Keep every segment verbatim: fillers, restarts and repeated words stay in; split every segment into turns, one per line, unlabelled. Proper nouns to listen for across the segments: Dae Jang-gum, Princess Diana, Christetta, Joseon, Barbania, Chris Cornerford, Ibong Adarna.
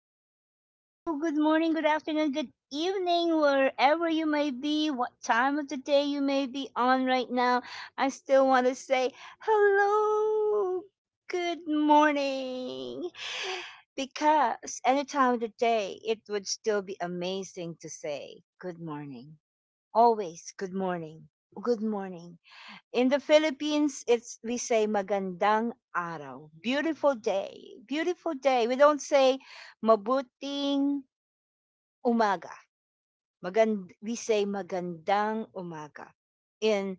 hello. Good morning, good afternoon, good evening, wherever you may be, what time of the day you may be on right now. I still want to say hello, good morning. Because any time of the day, it would still be amazing to say good morning. Always good morning. Good morning. In the Philippines, it's we say magandang araw, beautiful day, beautiful day. We don't say mabuting umaga. Magand We say magandang umaga in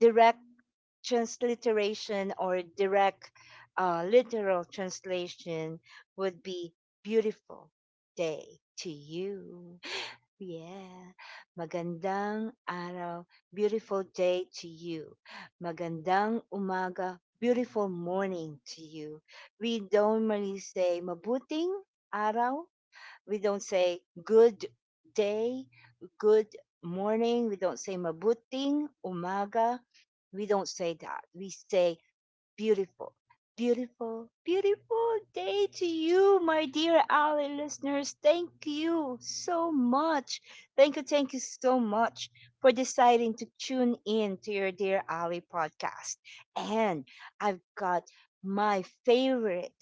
direct transliteration or direct uh, literal translation would be beautiful day to you. Yeah. Magandang araw, beautiful day to you. Magandang umaga, beautiful morning to you. We don't really say mabuting araw. We don't say good day, good morning. We don't say mabuting umaga. We don't say that. We say beautiful, beautiful, beautiful day to you, my dear Ali listeners. Thank you so much. Thank you, thank you so much for deciding to tune in to your Dear Ali podcast. And I've got my favorite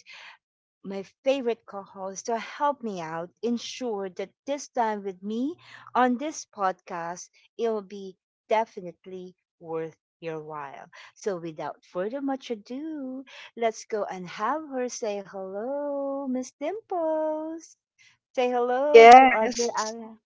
my favorite co host, to help me out ensure that this time with me on this podcast, it'll be definitely worth your while. So, without further much ado, let's go and have her say hello, Miss Dimples. Say hello to our dear
Yes.
Ala.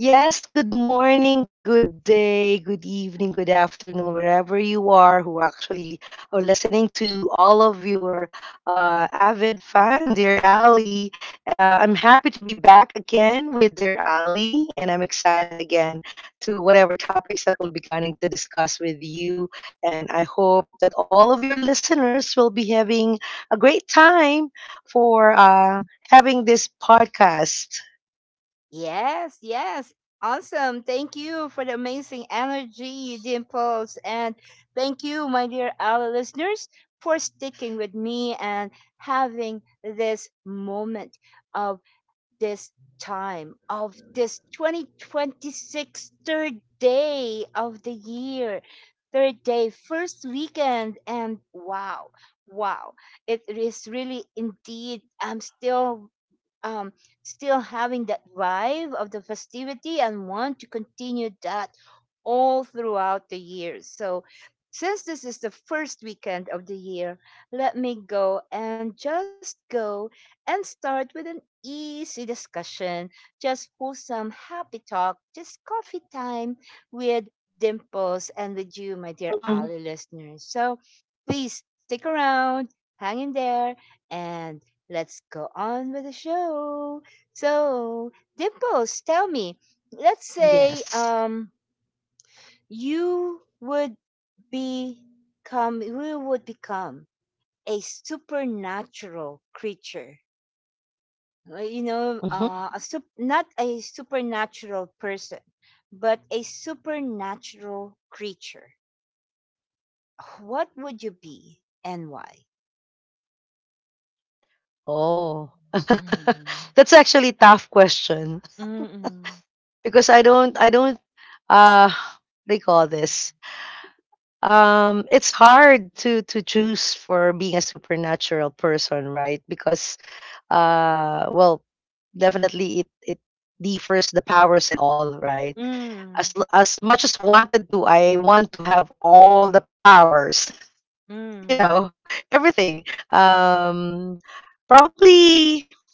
Yes, good morning, good day, good evening, good afternoon, wherever you are who actually are listening to all of your uh, avid fan, dear Ali. Uh, I'm happy to be back again with dear Ali, and I'm excited again to whatever topics that we'll be planning to discuss with you. And I hope that all of your listeners will be having a great time for uh, having this podcast.
Yes, yes. Awesome. Thank you for the amazing energy you did impose. And thank you, my dear our listeners, for sticking with me and having this moment of this time of this twenty twenty-six, third day of the year. Third day, first weekend, and wow, wow. It is really indeed, I'm still um, still having that vibe of the festivity and want to continue that all throughout the year. So, since this is the first weekend of the year, let me go and just go and start with an easy discussion, just wholesome, happy talk, just coffee time with Dimples and with you, my dear Ali listeners. So, please stick around, hang in there, and let's go on with the show. So, Dimples, tell me, let's say
Yes.
um you would become you would become a supernatural creature. Uh, You know,
Mhm.
uh, a sup- not a supernatural person, but a supernatural creature. What would you be and why?
Oh.
Mm-hmm.
That's actually a tough question
Mm-hmm.
because I don't I don't uh they call this. Um it's hard to to choose for being a supernatural person, right? Because uh well, definitely it it differs the powers and all, right?
Mm-hmm.
As l- as much as wanted to, I want to have all the powers.
Mm-hmm.
You know, everything. Um Probably.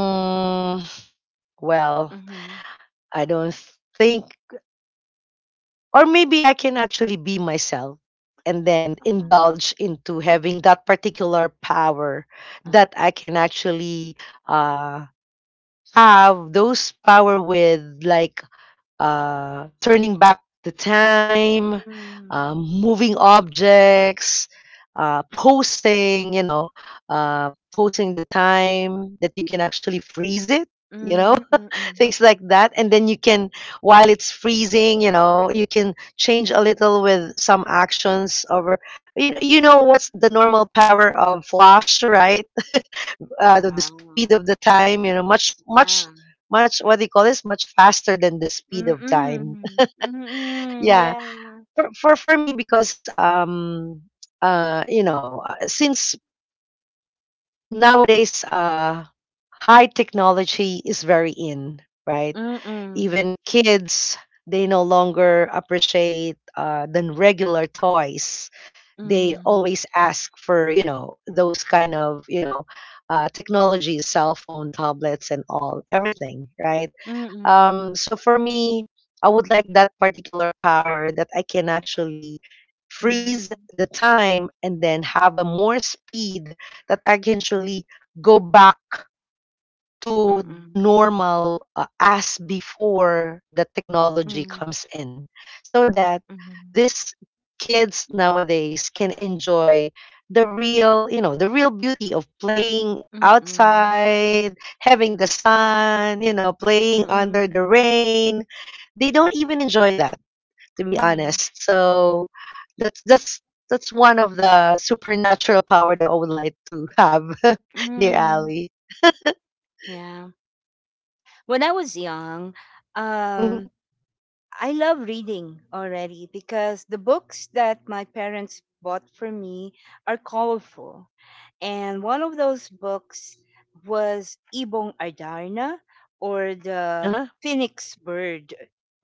Mm, well, I don't think, or maybe I can actually be myself and then indulge into having that particular power that I can actually uh, have those power with, like uh, turning back the time,
Mm.
uh, moving objects. Uh, posing, you know, uh, posing the time that you can actually freeze it, you
Mm,
know,
mm, mm.
things like that, and then you can, while it's freezing, you know, you can change a little with some actions over. You know, you know what's the normal power of flash, right? uh, the, the
Wow.
speed of the time, you know, much
Yeah.
much much, what do you call this, much faster than the speed of time.
Mm-mm, mm-mm.
Yeah,
Yeah.
for for, for me, because um uh you know, uh, since nowadays uh high technology is very in, right?
Mm-mm.
Even kids, they no longer appreciate uh, the regular toys. They
Mm.
always ask for, you know, those kind of, you know, uh, technologies, cell phone, tablets, and all everything, right?
Mm-mm.
Um, so for me, I would like that particular power that I can actually freeze
Mm.
the time and then have a more speed, that I can actually go back to the
Mm-mm.
normal, uh, as before the technology
Mm.
comes in, so that
Mm.
these kids nowadays can enjoy the real, you know, the real beauty of playing
Mm-mm.
outside, having the sun, you know, playing under
Mm-mm.
the rain. They don't even enjoy that, to be
Mm.
honest. So that's that's that's one of the supernatural power that I would like to have. Dear
Mm.
Ali.
Yeah. When I was young,
Hmm.
um, I love reading already because the books that my parents bought for me are colorful. And one of those books was Ibong Ardarna, or
Uh-huh.
the Phoenix Bird,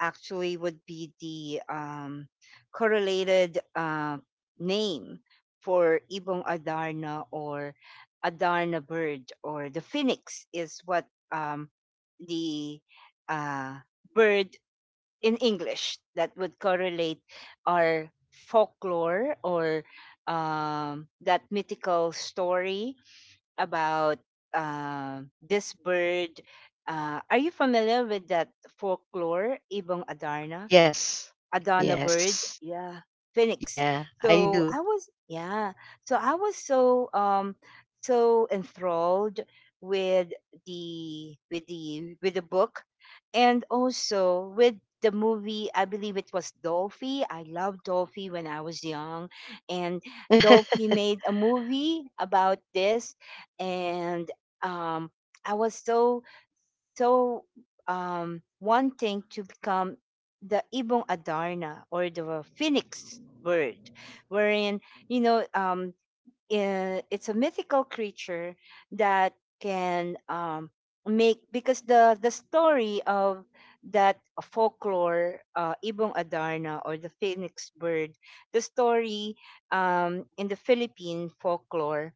actually, would be the um, correlated uh, name for Ibong Adarna, or Adarna bird, or the phoenix is what um, the uh, bird in English that would correlate our folklore, or um, that mythical story about uh, this bird. Uh, are you familiar with that folklore, Ibong Adarna?
Yes.
Adana
Yes.
bird. Yeah.
Yeah,
Phoenix.
I do.
So I was, yeah. So I was so um so enthralled with the with the with the book, and also with the movie. I believe it was Dolphy. I loved Dolphy when I was young, and Dolphy made a movie about this. And um I was so so um, wanting to become the ibong adarna or the phoenix bird, wherein you know um, i- it's a mythical creature that can um, make because the the story of that folklore, uh, ibong adarna or the phoenix bird, the story um, in the Philippine folklore,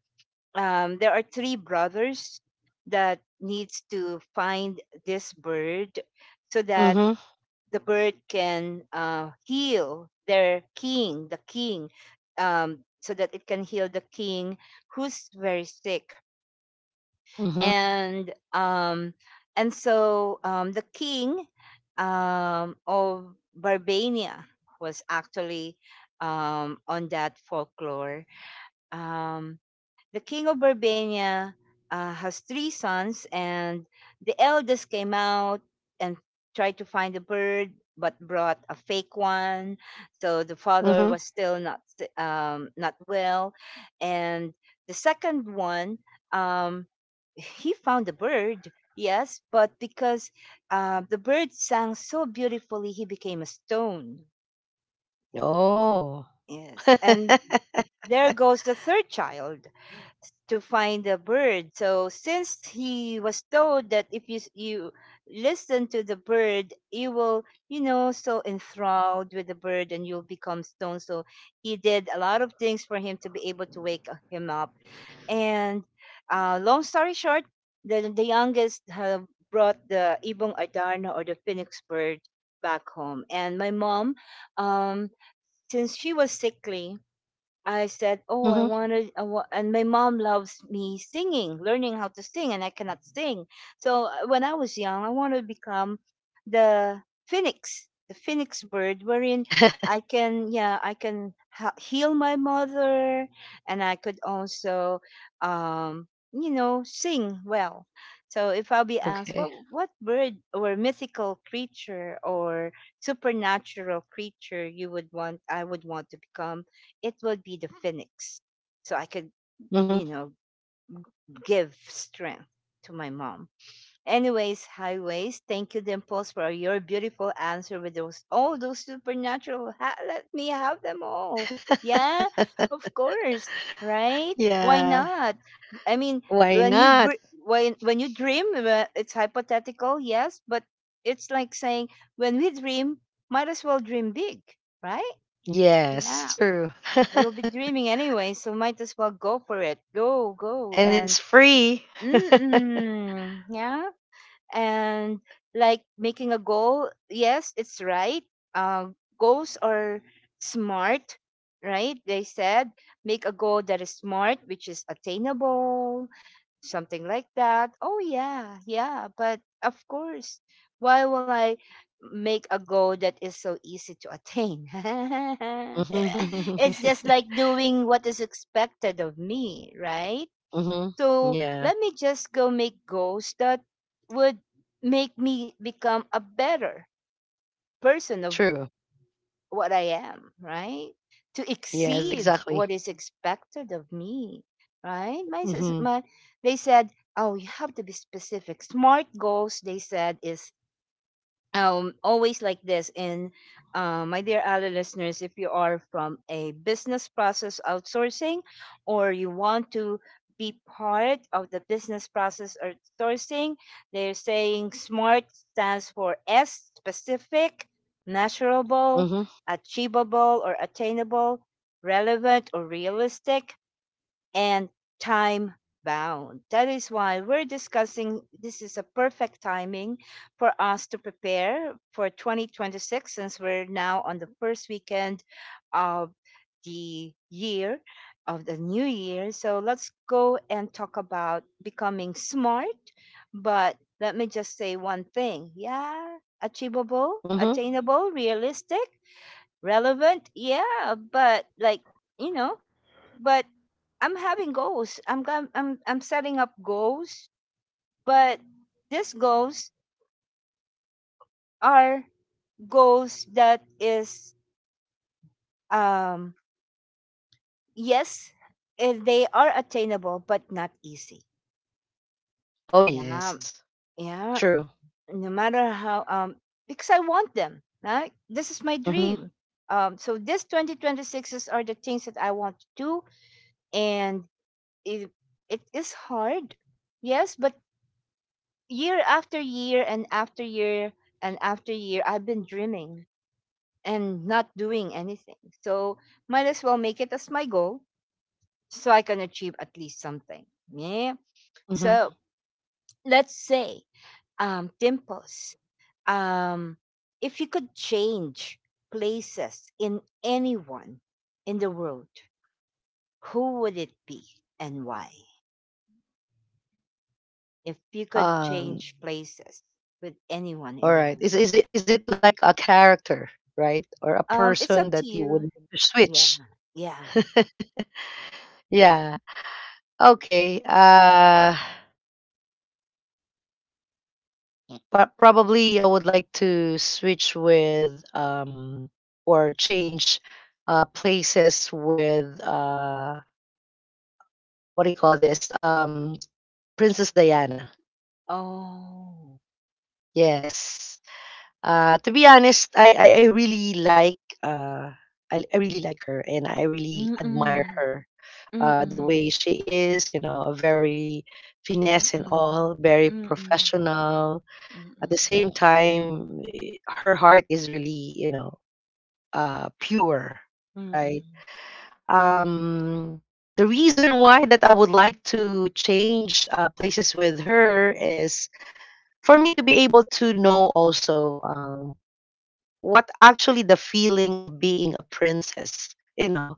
um, there are three brothers that needs to find this bird so that
Mhm.
the bird can uh, heal their king the king, um, so that it can heal the king who's very sick.
Mhm.
And um, and so um, the king um, of Barbania was actually um, on that folklore, um, the King of Barbania uh, has three sons, and the eldest came out and tried to find a bird, but brought a fake one. So the
Mhm.
father was still not s- um, not well, and the second one, um, he found a bird. Yes, but because uh, the bird sang so beautifully, he became a stone.
Oh.
Yes, and there goes the third child to find the bird. So since he was told that if you s- you listen to the bird, you will, you know, so enthralled with the bird, and you'll become stone. So he did a lot of things for him to be able to wake uh, him up. And uh, long story short, the the youngest have brought the ibong adarna or the phoenix bird back home. And my mom, um, since she was sickly, I said, "Oh, I
Mhm.
wanted, I wa- and my mom loves me singing, learning how to sing, and I cannot sing. So uh, when I was young, I wanted to become the phoenix, the phoenix bird, wherein I can, yeah, I can ha- heal my mother, and I could also, um, you know, sing well. So if I'll be asked, what
Okay.
what bird or mythical creature or supernatural creature you would want, I would want to become." It would be the phoenix. So I could,
Mhm.
you know, give strength to my mom. Anyways, highways, thank you, Dimples, for your beautiful answer with those all those supernatural. Ha- let me have them all. Yeah, of course, right? Why
Yeah.
not? I mean,
Why
when you
not?
br- when when you dream, uh, it's hypothetical, yes, but it's like saying when we dream, might as well dream big, right? Yeah.
Yes, true.
You'll be dreaming anyway, so might as well go for it. Go, go,
And
and
it's free.
mm-mm, yeah? And like making a goal, yes, it's right. Uh, goals are smart, right, they said. Make a goal that is smart, which is attainable, something like that. Oh, yeah, yeah, but of course, why will I make a goal that is so easy to attain?
Mhm.
it's just like doing what is expected of me, right?
Mhm.
So
Yeah,
let me just go make goals that would make me become a better person of
true.
what I am, right? To
Yes,
exceed
exactly.
what is expected of me, right? My, sis-
Mhm.
my they said, oh, you have to be specific. Smart goals, they said, is um, always like this. And uh, my dear other listeners, if you are from a business process outsourcing, or you want to be part of the business process outsourcing, they're saying SMART stands for S, specific, measurable,
Mhm.
achievable or attainable, relevant or realistic, and time bound. That is why we're discussing this, is a perfect timing for us to prepare for twenty twenty-six, since we're now on the first weekend of the year, of the new year. So let's go and talk about becoming smart, but let me just say one thing. Yeah, achievable,
Mhm.
attainable, realistic, relevant, yeah, but like, you know, but I'm having goals, I'm gam- i'm i'm setting up goals, but these goals are goals that is um yes, if they are attainable but not easy,
Oh
yeah,
yes.
yeah.
True.
No matter how um because I want them, right? This is my
Mhm.
dream. Um, so this twenty twenty-sixes are the things that I want to do, and it, it is hard. Yes, but year after year, and after year, and after year, I've been dreaming and not doing anything. So might as well make it as my goal, so I can achieve at least something. Yeah.
Mhm.
So let's say, um, Dimples, um, if you could change places in anyone in the world, who would it be and why? If you could
Um
change places with anyone
All
in the
right. Is
world?
is it is it like a character, right? Or a
Um, it's
person
up
that
to
you would
you.
like to
Yeah.
switch?
Yeah.
Yeah. Okay. Uh but probably I would like to switch with, um or change uh places with, uh what do you call this? Um Princess Diana.
Oh.
Yes. Uh to be honest, I I, I really like, uh I, I really like her, and I really admire
Mm-mm.
her, uh, the
Mm-mm.
way she is, you know, a very finesse and
Mm-mm.
all, very
Mm-mm.
professional. At the
Mm-mm.
same time, eh, her heart is really, you know, uh, pure, right? Um, the reason why that I would like to change uh, places with her is for me to be able to know also, um, what actually the feeling of being a princess, you know,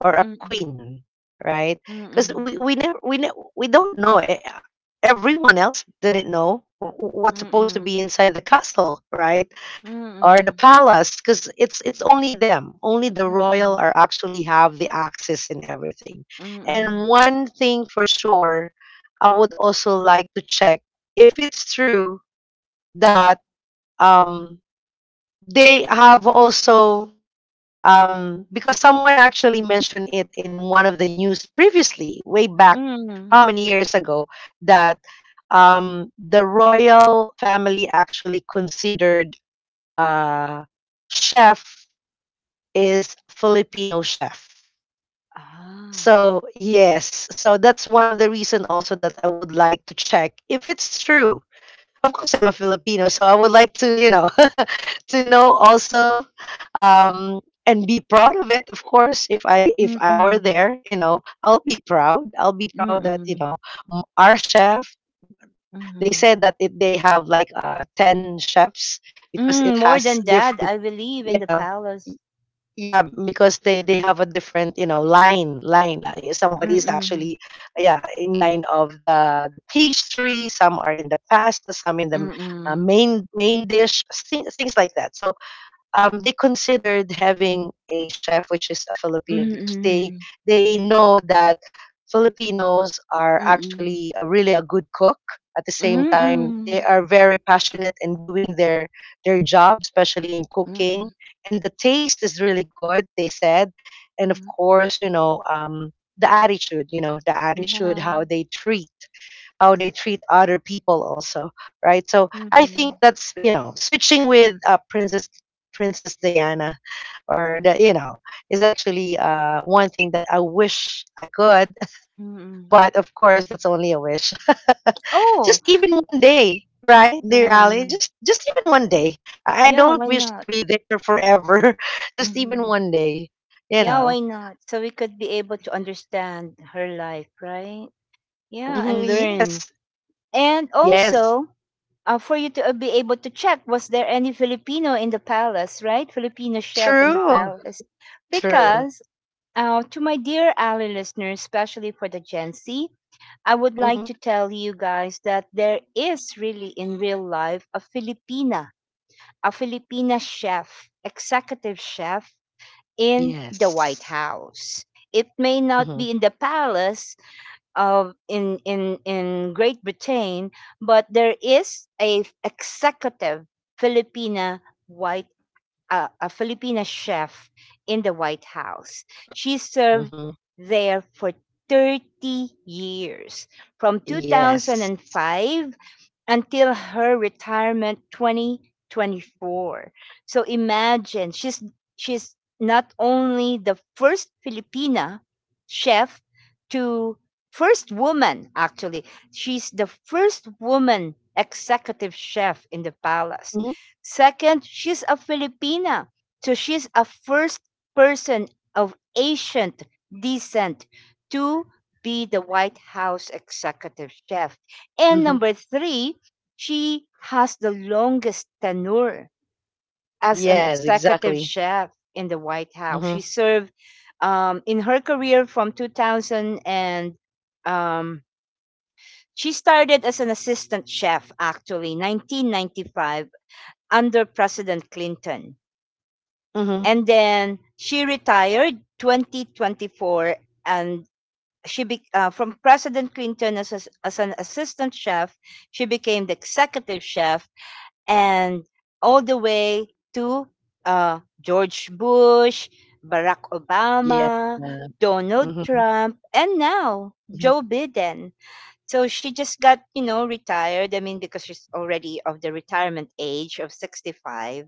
or a
Mm-mm. Mm-mm.
queen, right? Because we we never we ne- we don't know. Eh, uh, Everyone else didn't know wh- what's supposed to be
Mm-mm.
inside the castle, right? Or the
Mm-mm.
palace, because it's it's only them, only the
Mm-mm.
royal
Mm-mm.
are actually have the access and everything. And
Mm-mm.
one thing for sure, I would also like to check if it's true that, um they have also, um, because someone actually mentioned it in one of the news previously, way back,
Mm-mm.
how many years ago, that, um, the royal family actually considered uh, chef is Filipino chef.
Ah.
So yes, so that's one of the reason also that I would like to check if it's true. Of course I'm a Filipino, so I would like to, you know, to know also, um and be proud of it. Of course, if I, if I were
Mm-mm.
there, you know, I'll be proud. I'll be proud that, you
Mm-mm.
know, m- our chef, they
Mm-mm.
said that it, they have like uh ten chefs, because
Mm,
it
more
has
than that,
different.
I believe in
Yeah,
the palace.
yeah, because they they have a different, you know, line line, like somebody is
Mm-mm.
actually, yeah, in line of the the pastry, some are in the pasta, some in the, uh,
Mm-mm.
main main dish thing, things like that. So, um, they considered having a chef which is a Filipino, because they
Mm-mm.
they know that Filipinos are
Mm.
actually, a, really a good cook. At the same time, they
Mm.
are very passionate in doing their their job, especially in cooking,
Mm,
and the taste is really good, they said. And of
mm.
course, you know. Um, the attitude, you know, the attitude,
Yeah.
how they treat, how they treat other people also, right? So I
Mm,
think that's, you know, switching with, uh, Princess Princess Diana, or the, you know, is actually, uh, one thing that I wish I could.
mm.
But of course that's only a wish.
Oh,
Just even one day, right, dear Ali?
yeah.
Just just even one day. I I
Yeah,
don't
why
wish to
not?
be there forever. Just even
Mhm.
one day, you
Yeah,
know.
why not? So we could be able to understand her life, right? Yeah,
Hmm.
and learn.
Yes,
And
yes,
also, uh, for you to uh, be able to check, was there any Filipino in the palace, right? Filipino chef in the
true,
palace.
true.
Because, uh, to my dear ally listeners, especially for the Gen Z, I would like
Hmm.
to tell you guys that there is really in real life a Filipina, a Filipina chef, executive chef in the
Yes.
White House. It may
Hmm.
not be in the palace of in in in Great Britain, but there is a executive Filipina White a, a Filipina chef in the White House. She
Hmm.
served there for thirty years, from
Yes.
two thousand five until her retirement twenty twenty-four. So imagine she's she's not only the first Filipina chef to first woman, actually. She's the first woman executive chef in the palace.
Hmm.
Second, she's a Filipina. So she's a first person of Asian descent to be the White House executive chef. And
Hmm.
number three, she has the longest tenure as
Yes,
an
exactly.
executive chef in the White
Hmm.
House. She served um, in her career from two thousand and um, she started as an assistant chef actually nineteen ninety-five under President Clinton.
Hmm.
And then she retired twenty twenty-four and she be, uh, from President Clinton as, as as an assistant chef, she became the executive chef and all the way to uh, George Bush, Barack
Yeah.
Obama,
Mhm,
Donald Trump, and now
mhm,
Joe Biden. So she just got, you know, retired. I mean, because she's already of the retirement age of sixty-five.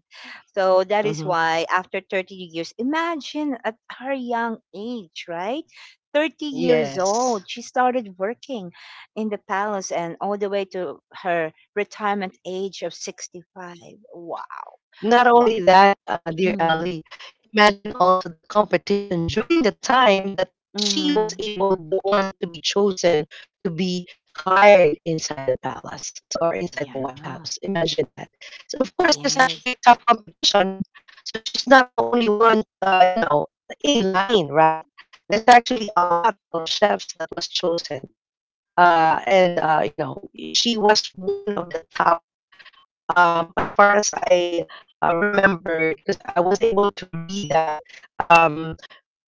So that
mhm.
is why after thirty years, imagine at her young age, right? thirty years
Yes.
old, she started working in the palace and all the way to her retirement age of sixty-five. Wow.
Not only
Wow.
that, uh, dear Ali,
Mm,
imagine also the competition during the time that she was able,
mm.
the one to be chosen to be hired inside the palace, so, or inside the White
Yeah.
House. Imagine that. So of course, there's actually
Yes.
a tough competition. So she's not the only one, uh, you know, in line, right? There's actually a lot of chefs that was chosen, uh, and uh, you know, she was one of the top, um, as far as I uh, remembered, because I was able to read that, um,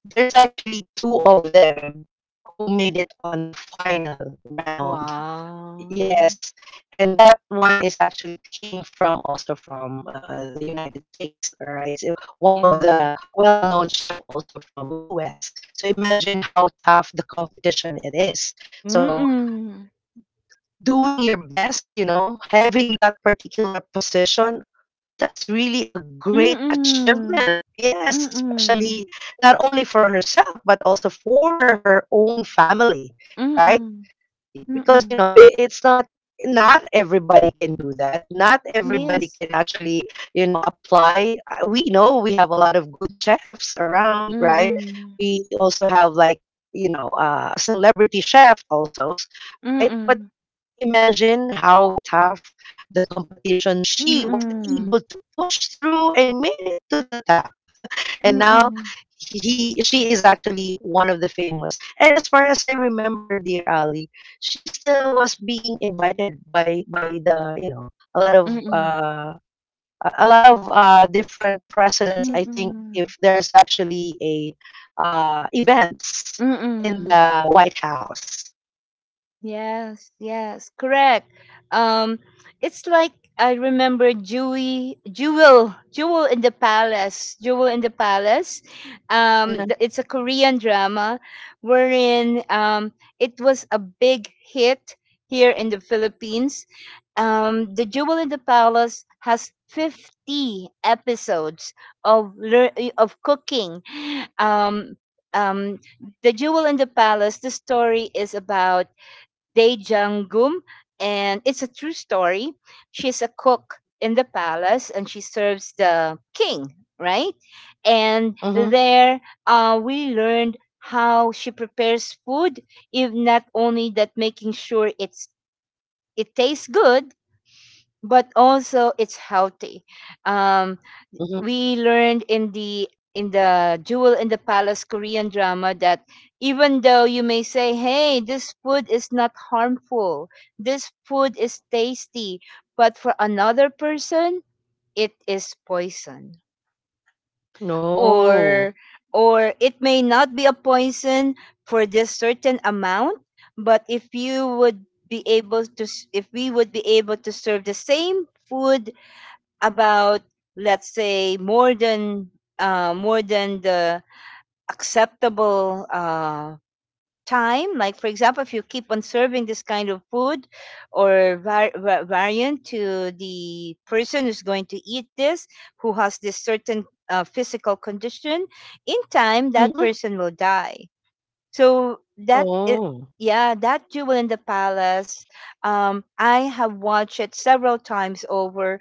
there's actually two of them who made it on the final round.
Wow.
Yes, and that one is actually came from, also from, uh, uh, the United States. All right, so one of
Yeah.
the well-known chef also from U S. So imagine how tough the competition it is. So
Mm-mm.
doing your best, you know, having that particular position, that's really a great
Mm-mm.
achievement. Yes,
Mm,
especially not only for herself, but also for her own family, right?
mm,
Because, you
mm.
know, it, it's not, not everybody can do that, not everybody
Yes.
can actually, you know, apply. Uh, we know we have a lot of good chefs around,
Mm,
right?
mm,
We also have like, you know, uh, a celebrity chef also, right? But.
mm,
Imagine how tough the competition, she was
mm,
able to push through and made it to the top. And now
mm,
he she is actually one of the famous. And as far as I remember, dear Ali, she still was being invited by, by the, you know, a lot of, uh a a lot of, uh, different presidents, I think,
mm,
if there's actually a, uh, events
mm,
in
mm.
the White House.
Yes, yes, correct. Um, it's like I remember Jewel, Jewel, Jewel in the Palace, Jewel in the Palace. Um,
Mm-hmm.
th- it's a Korean drama wherein um, it was a big hit here in the Philippines. Um, the Jewel in the Palace has fifty episodes of lear- of cooking. Um, um, the Jewel in the Palace. The story is about Dae Jang-gum, and it's a true story. She's a cook in the palace, and she serves the king, right? And
Mm-hmm.
there, uh, we learned how she prepares food, if not only that, making sure it's it tastes good, but also it's healthy. Um,
Mm-hmm.
we learned in the in the Jewel in the Palace Korean drama that even though you may say, "Hey, this food is not harmful. This food is tasty," but for another person, it is poison.
Oh.
Or or it may not be a poison for this certain amount, but if you would be able to s- if we would be able to serve the same food about, let's say, more than uh, more than the acceptable uh, time. Like, for example, if you keep on serving this kind of food or var- va- variant to the person who's going to eat this, who has this certain uh, physical condition, in time
Mhm.
that person will die. so that i-
Oh.
yeah, that Jewel in the Palace, um, I have watched it several times over,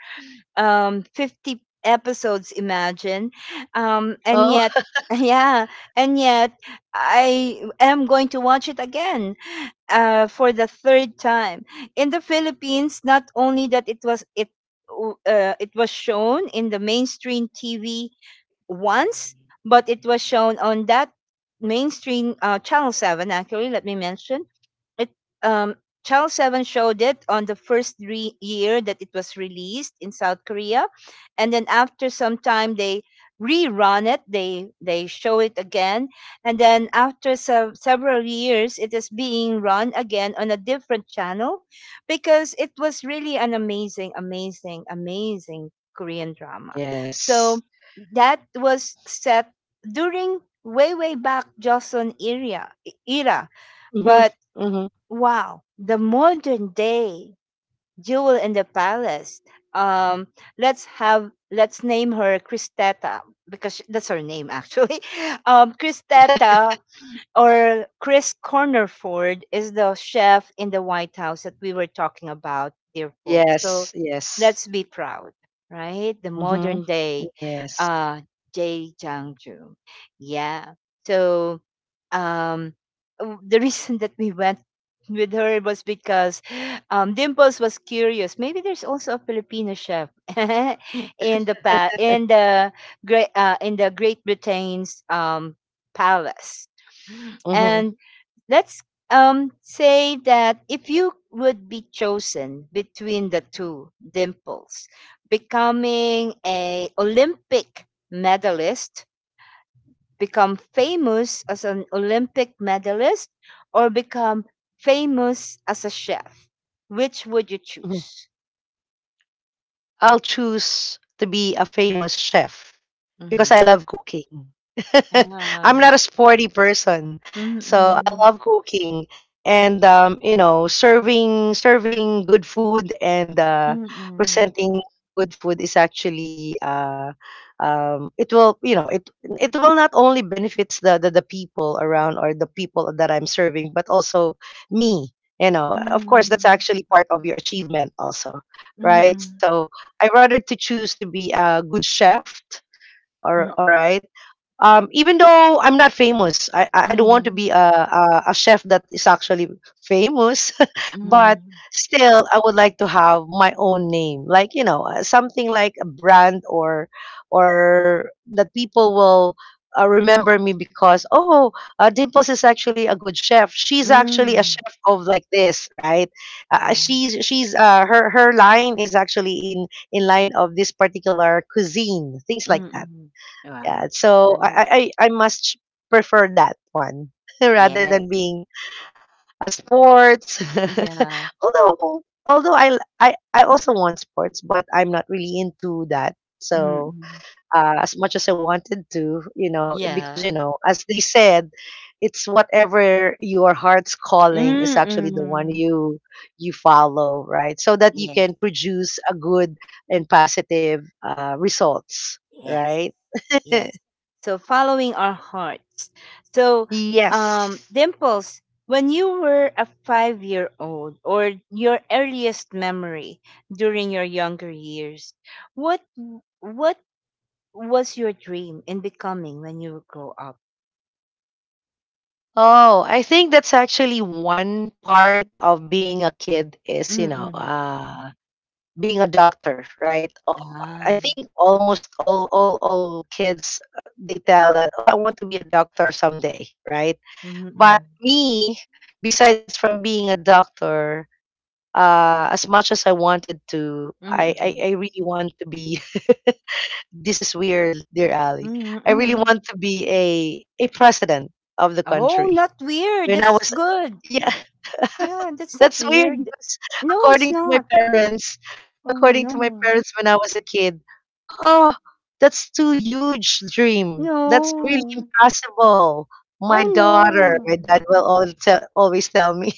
um fifty episodes, imagine. Um
Oh.
and yet yeah, and yet I am going to watch it again uh for the third time. In the Philippines, not only that, it was it w- uh, it was shown in the mainstream TV once, but it was shown on that mainstream uh, Channel seven. Actually, let me mention it. um Channel seven showed it on the first re- year that it was released in South Korea, and then after some time they rerun it. They they show it again. And then after se- several years it is being run again on a different channel, because it was really an amazing, amazing, amazing Korean drama.
Yes.
So that was set during way way back Joseon era e-, era,
Mhm.
but
Mhm.
wow, the modern day Jewel in the Palace. Um, let's have let's name her Christetta, because sh- that's her name actually. Um, Christetta or Chris Cornerford is the chef in the White House that we were talking about, dear folks. So
Yes, yes.
let's be proud, right? The
Mhm.
modern day
Yes.
uh Jay Jang Joon. Yeah. So um w- the reason that we went with her was because um, Dimples was curious. Maybe there's also a Filipino chef in the pa- in the great uh, in the Great Britain's um, palace.
Mhm.
And let's um, say that if you would be chosen between the two, Dimples, becoming a Olympic medalist, become famous as an Olympic medalist, or become famous as a chef, which would you
Mhm.
choose?
I'll choose to be a famous chef, because
Mm-hmm.
I love cooking. I'm
Yeah.
not a sporty person, so I
Mm-mm.
love cooking, and, um, you know, serving serving good food and, uh,
Mm-mm.
presenting good food, is actually, uh, um, it will, you know it, it will not only benefits the, the the people around, or the people that I'm serving, but also me. You know, of course
Mm-mm.
that's actually part of your achievement also,
Mm-mm.
right? So I rather to choose to be a good chef, or, all right, um, even though I'm not famous, I, I, I don't
Mm-mm.
want to
Mm-mm.
be a, a, a chef that is actually famous, but still, I would like to have my own name, like, you know, uh, something like a brand, or or that people will uh, remember me because, oh, uh, Dimples is actually a good chef. She's actually a
Mm-mm.
chef of like this, right? Uh, uh,
Yeah.
she's she's, uh, her her line is actually in in line of this particular cuisine, things like that.
Mm. Wow,
Yeah, so
nice.
I I I must prefer that one, rather than
Yes.
being a sports.
Yeah.
Although, although I I I also want sports, but I'm not really into that. So,
Mm.
uh, as much as I wanted to, you know, because,
Yeah.
you know, as they said, it's whatever your heart's calling is actually the one
Mm.
you you follow, right? So that you
Yes.
can produce a good and positive, uh, results,
Yes.
right?
Yes. So following our hearts. So, um,
Yes.
Dimples, when you were a five-year-old, or your earliest memory during your younger years, what what was your dream in becoming when you grow up?
Oh, I think that's actually one part of being a kid, is, you know,
Mm.
uh, being a doctor, right? Um,
Ah.
I think almost all all all kids, uh, they tell that, "Oh, I want to be a doctor someday," right?
Mm.
But me, besides from being a doctor, uh, as much as I wanted to, I I,
Mm.
I really want to be, this is weird, dear Ali.
Mhm,
I really
mhm.
want to be a a president of the
Oh,
country.
not weird.
When I
That's
was,
good.
yeah,
Yeah, that's not
that's weird
weird.
because,
No, it's
according to my
not.
parents,
Oh
according to my
no.
parents when I was a kid, oh, that's too huge dream. That's really
No.
impossible. My
Oh
daughter,
no.
my dad will always tell, always tell me,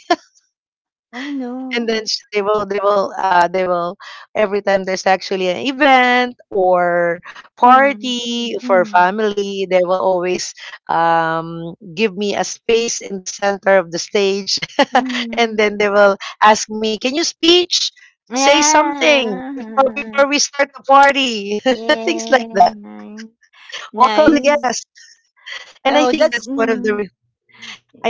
Oh
and then
no.
s- they will they will, uh they will, every time there's actually an event or
Hmm.
party for
Hmm.
family, they will always, um give me a space in the center of the stage, and
Hmm.
then they will ask me, can you speech, say something before,
Yeah.
before we start the party, things like
Yeah.
that,
Nice.
welcome the
Nice.
guests.
Oh,
And I
that's.
think that's one
Mm.
of the,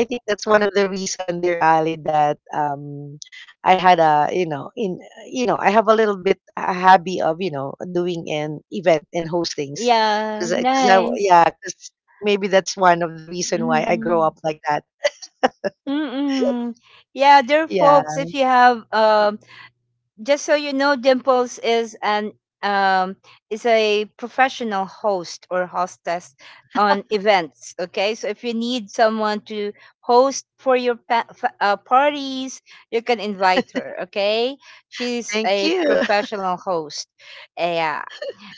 I think that's one of the reason, dear Ali, that, um, I had a, you know, in, you know, I have a little bit a hobby of, you know, doing an event and hostings,
Yeah.
because, cause I, 'cause I
Nice.
yeah, 'cause maybe that's one of the reason why I grow
Mm-mm.
up like that.
Mm-mm. Yeah, dear
Yeah,
folks, if you have uh just so you know, Dimples is an um is a professional host or hostess on events. Okay, so if you need someone to host for your pa- fa- uh, parties, you can invite her. Okay, she's
thank
a
you.
professional host. Yeah,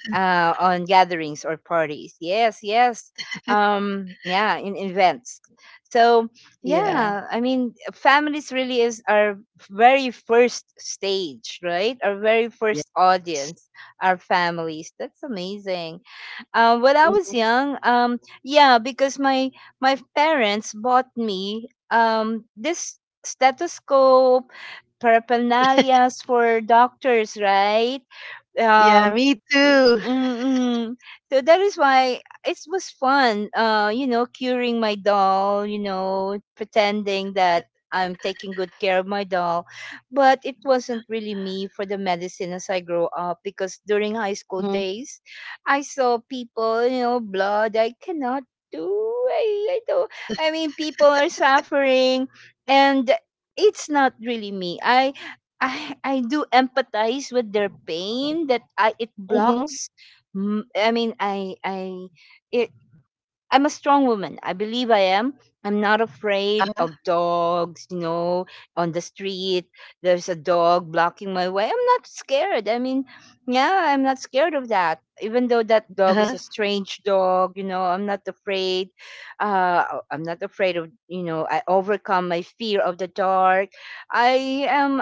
uh, on gatherings or parties. Yes, yes. Um, yeah, in events. So
Yeah,
yeah, I mean, families really is our very first stage, right? Our very
yeah.
first audience, our families. That's amazing. Um, when I was
Mhm.
young, um, yeah, because my my parents bought me um this stethoscope, paraphernalias for doctors, right?
Yeah.
um
Me
y-
too.
mm-mm. So that is why it was fun, uh you know curing my doll, you know pretending that I'm taking good care of my doll. But it wasn't really me for the medicine, as I grow up, because during high school
Mm-hmm.
days I saw people, you know blood, I cannot do. I, I don't. I mean, people are suffering, and it's not really me. I I I do empathize with their pain, that I, it
Mm-hmm.
blocks. mm, I mean, I I it I'm a strong woman. I believe I am. I'm not afraid
Uh-huh.
of dogs, you know, on the street. There's a dog blocking my way. I'm not scared. I mean, yeah, I'm not scared of that. Even though that dog
Uh-huh.
is a strange dog, you know, I'm not afraid. Uh, I'm not afraid of, you know, I overcome my fear of the dark. I am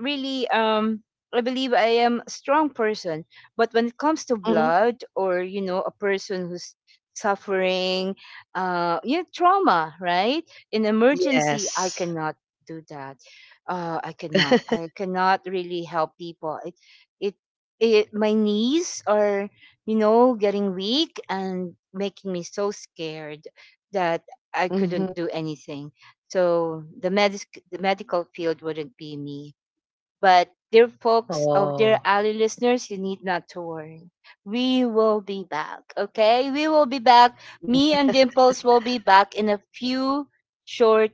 really, um, I believe I am a strong person. But when it comes to
Hmm.
blood, or, you know, a person who's suffering, uh, you know, trauma, right? In emergency, I
Yes.
cannot do that. Uh, I cannot. I cannot really help people. It, it, it. My knees are, you know, getting weak and making me so scared that I
Hmm.
couldn't do anything. So the medic, the medical field wouldn't be me. But dear folks, of
Oh,
dear Ali listeners, you need not to worry. We will be back, okay? We will be back. Me
yeah.
and Dimples will be back in a few short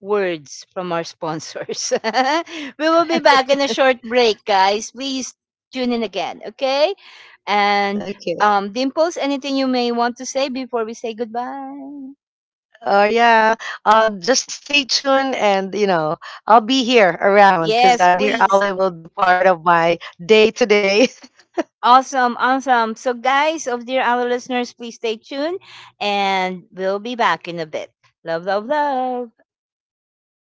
words from our sponsors. We will be back in a short break, guys. Please tune in again, okay? And
Okay.
um, Dimples, anything you may want to say before we say goodbye?
Oh yeah. Um, just stay tuned, and, you know, I'll be here around, because, uh,
Yes,
dear Ali
please.
will be part of my day today.
Awesome, awesome. So, guys, of dear our listeners, please stay tuned, and we'll be back in a bit. Love, love, love.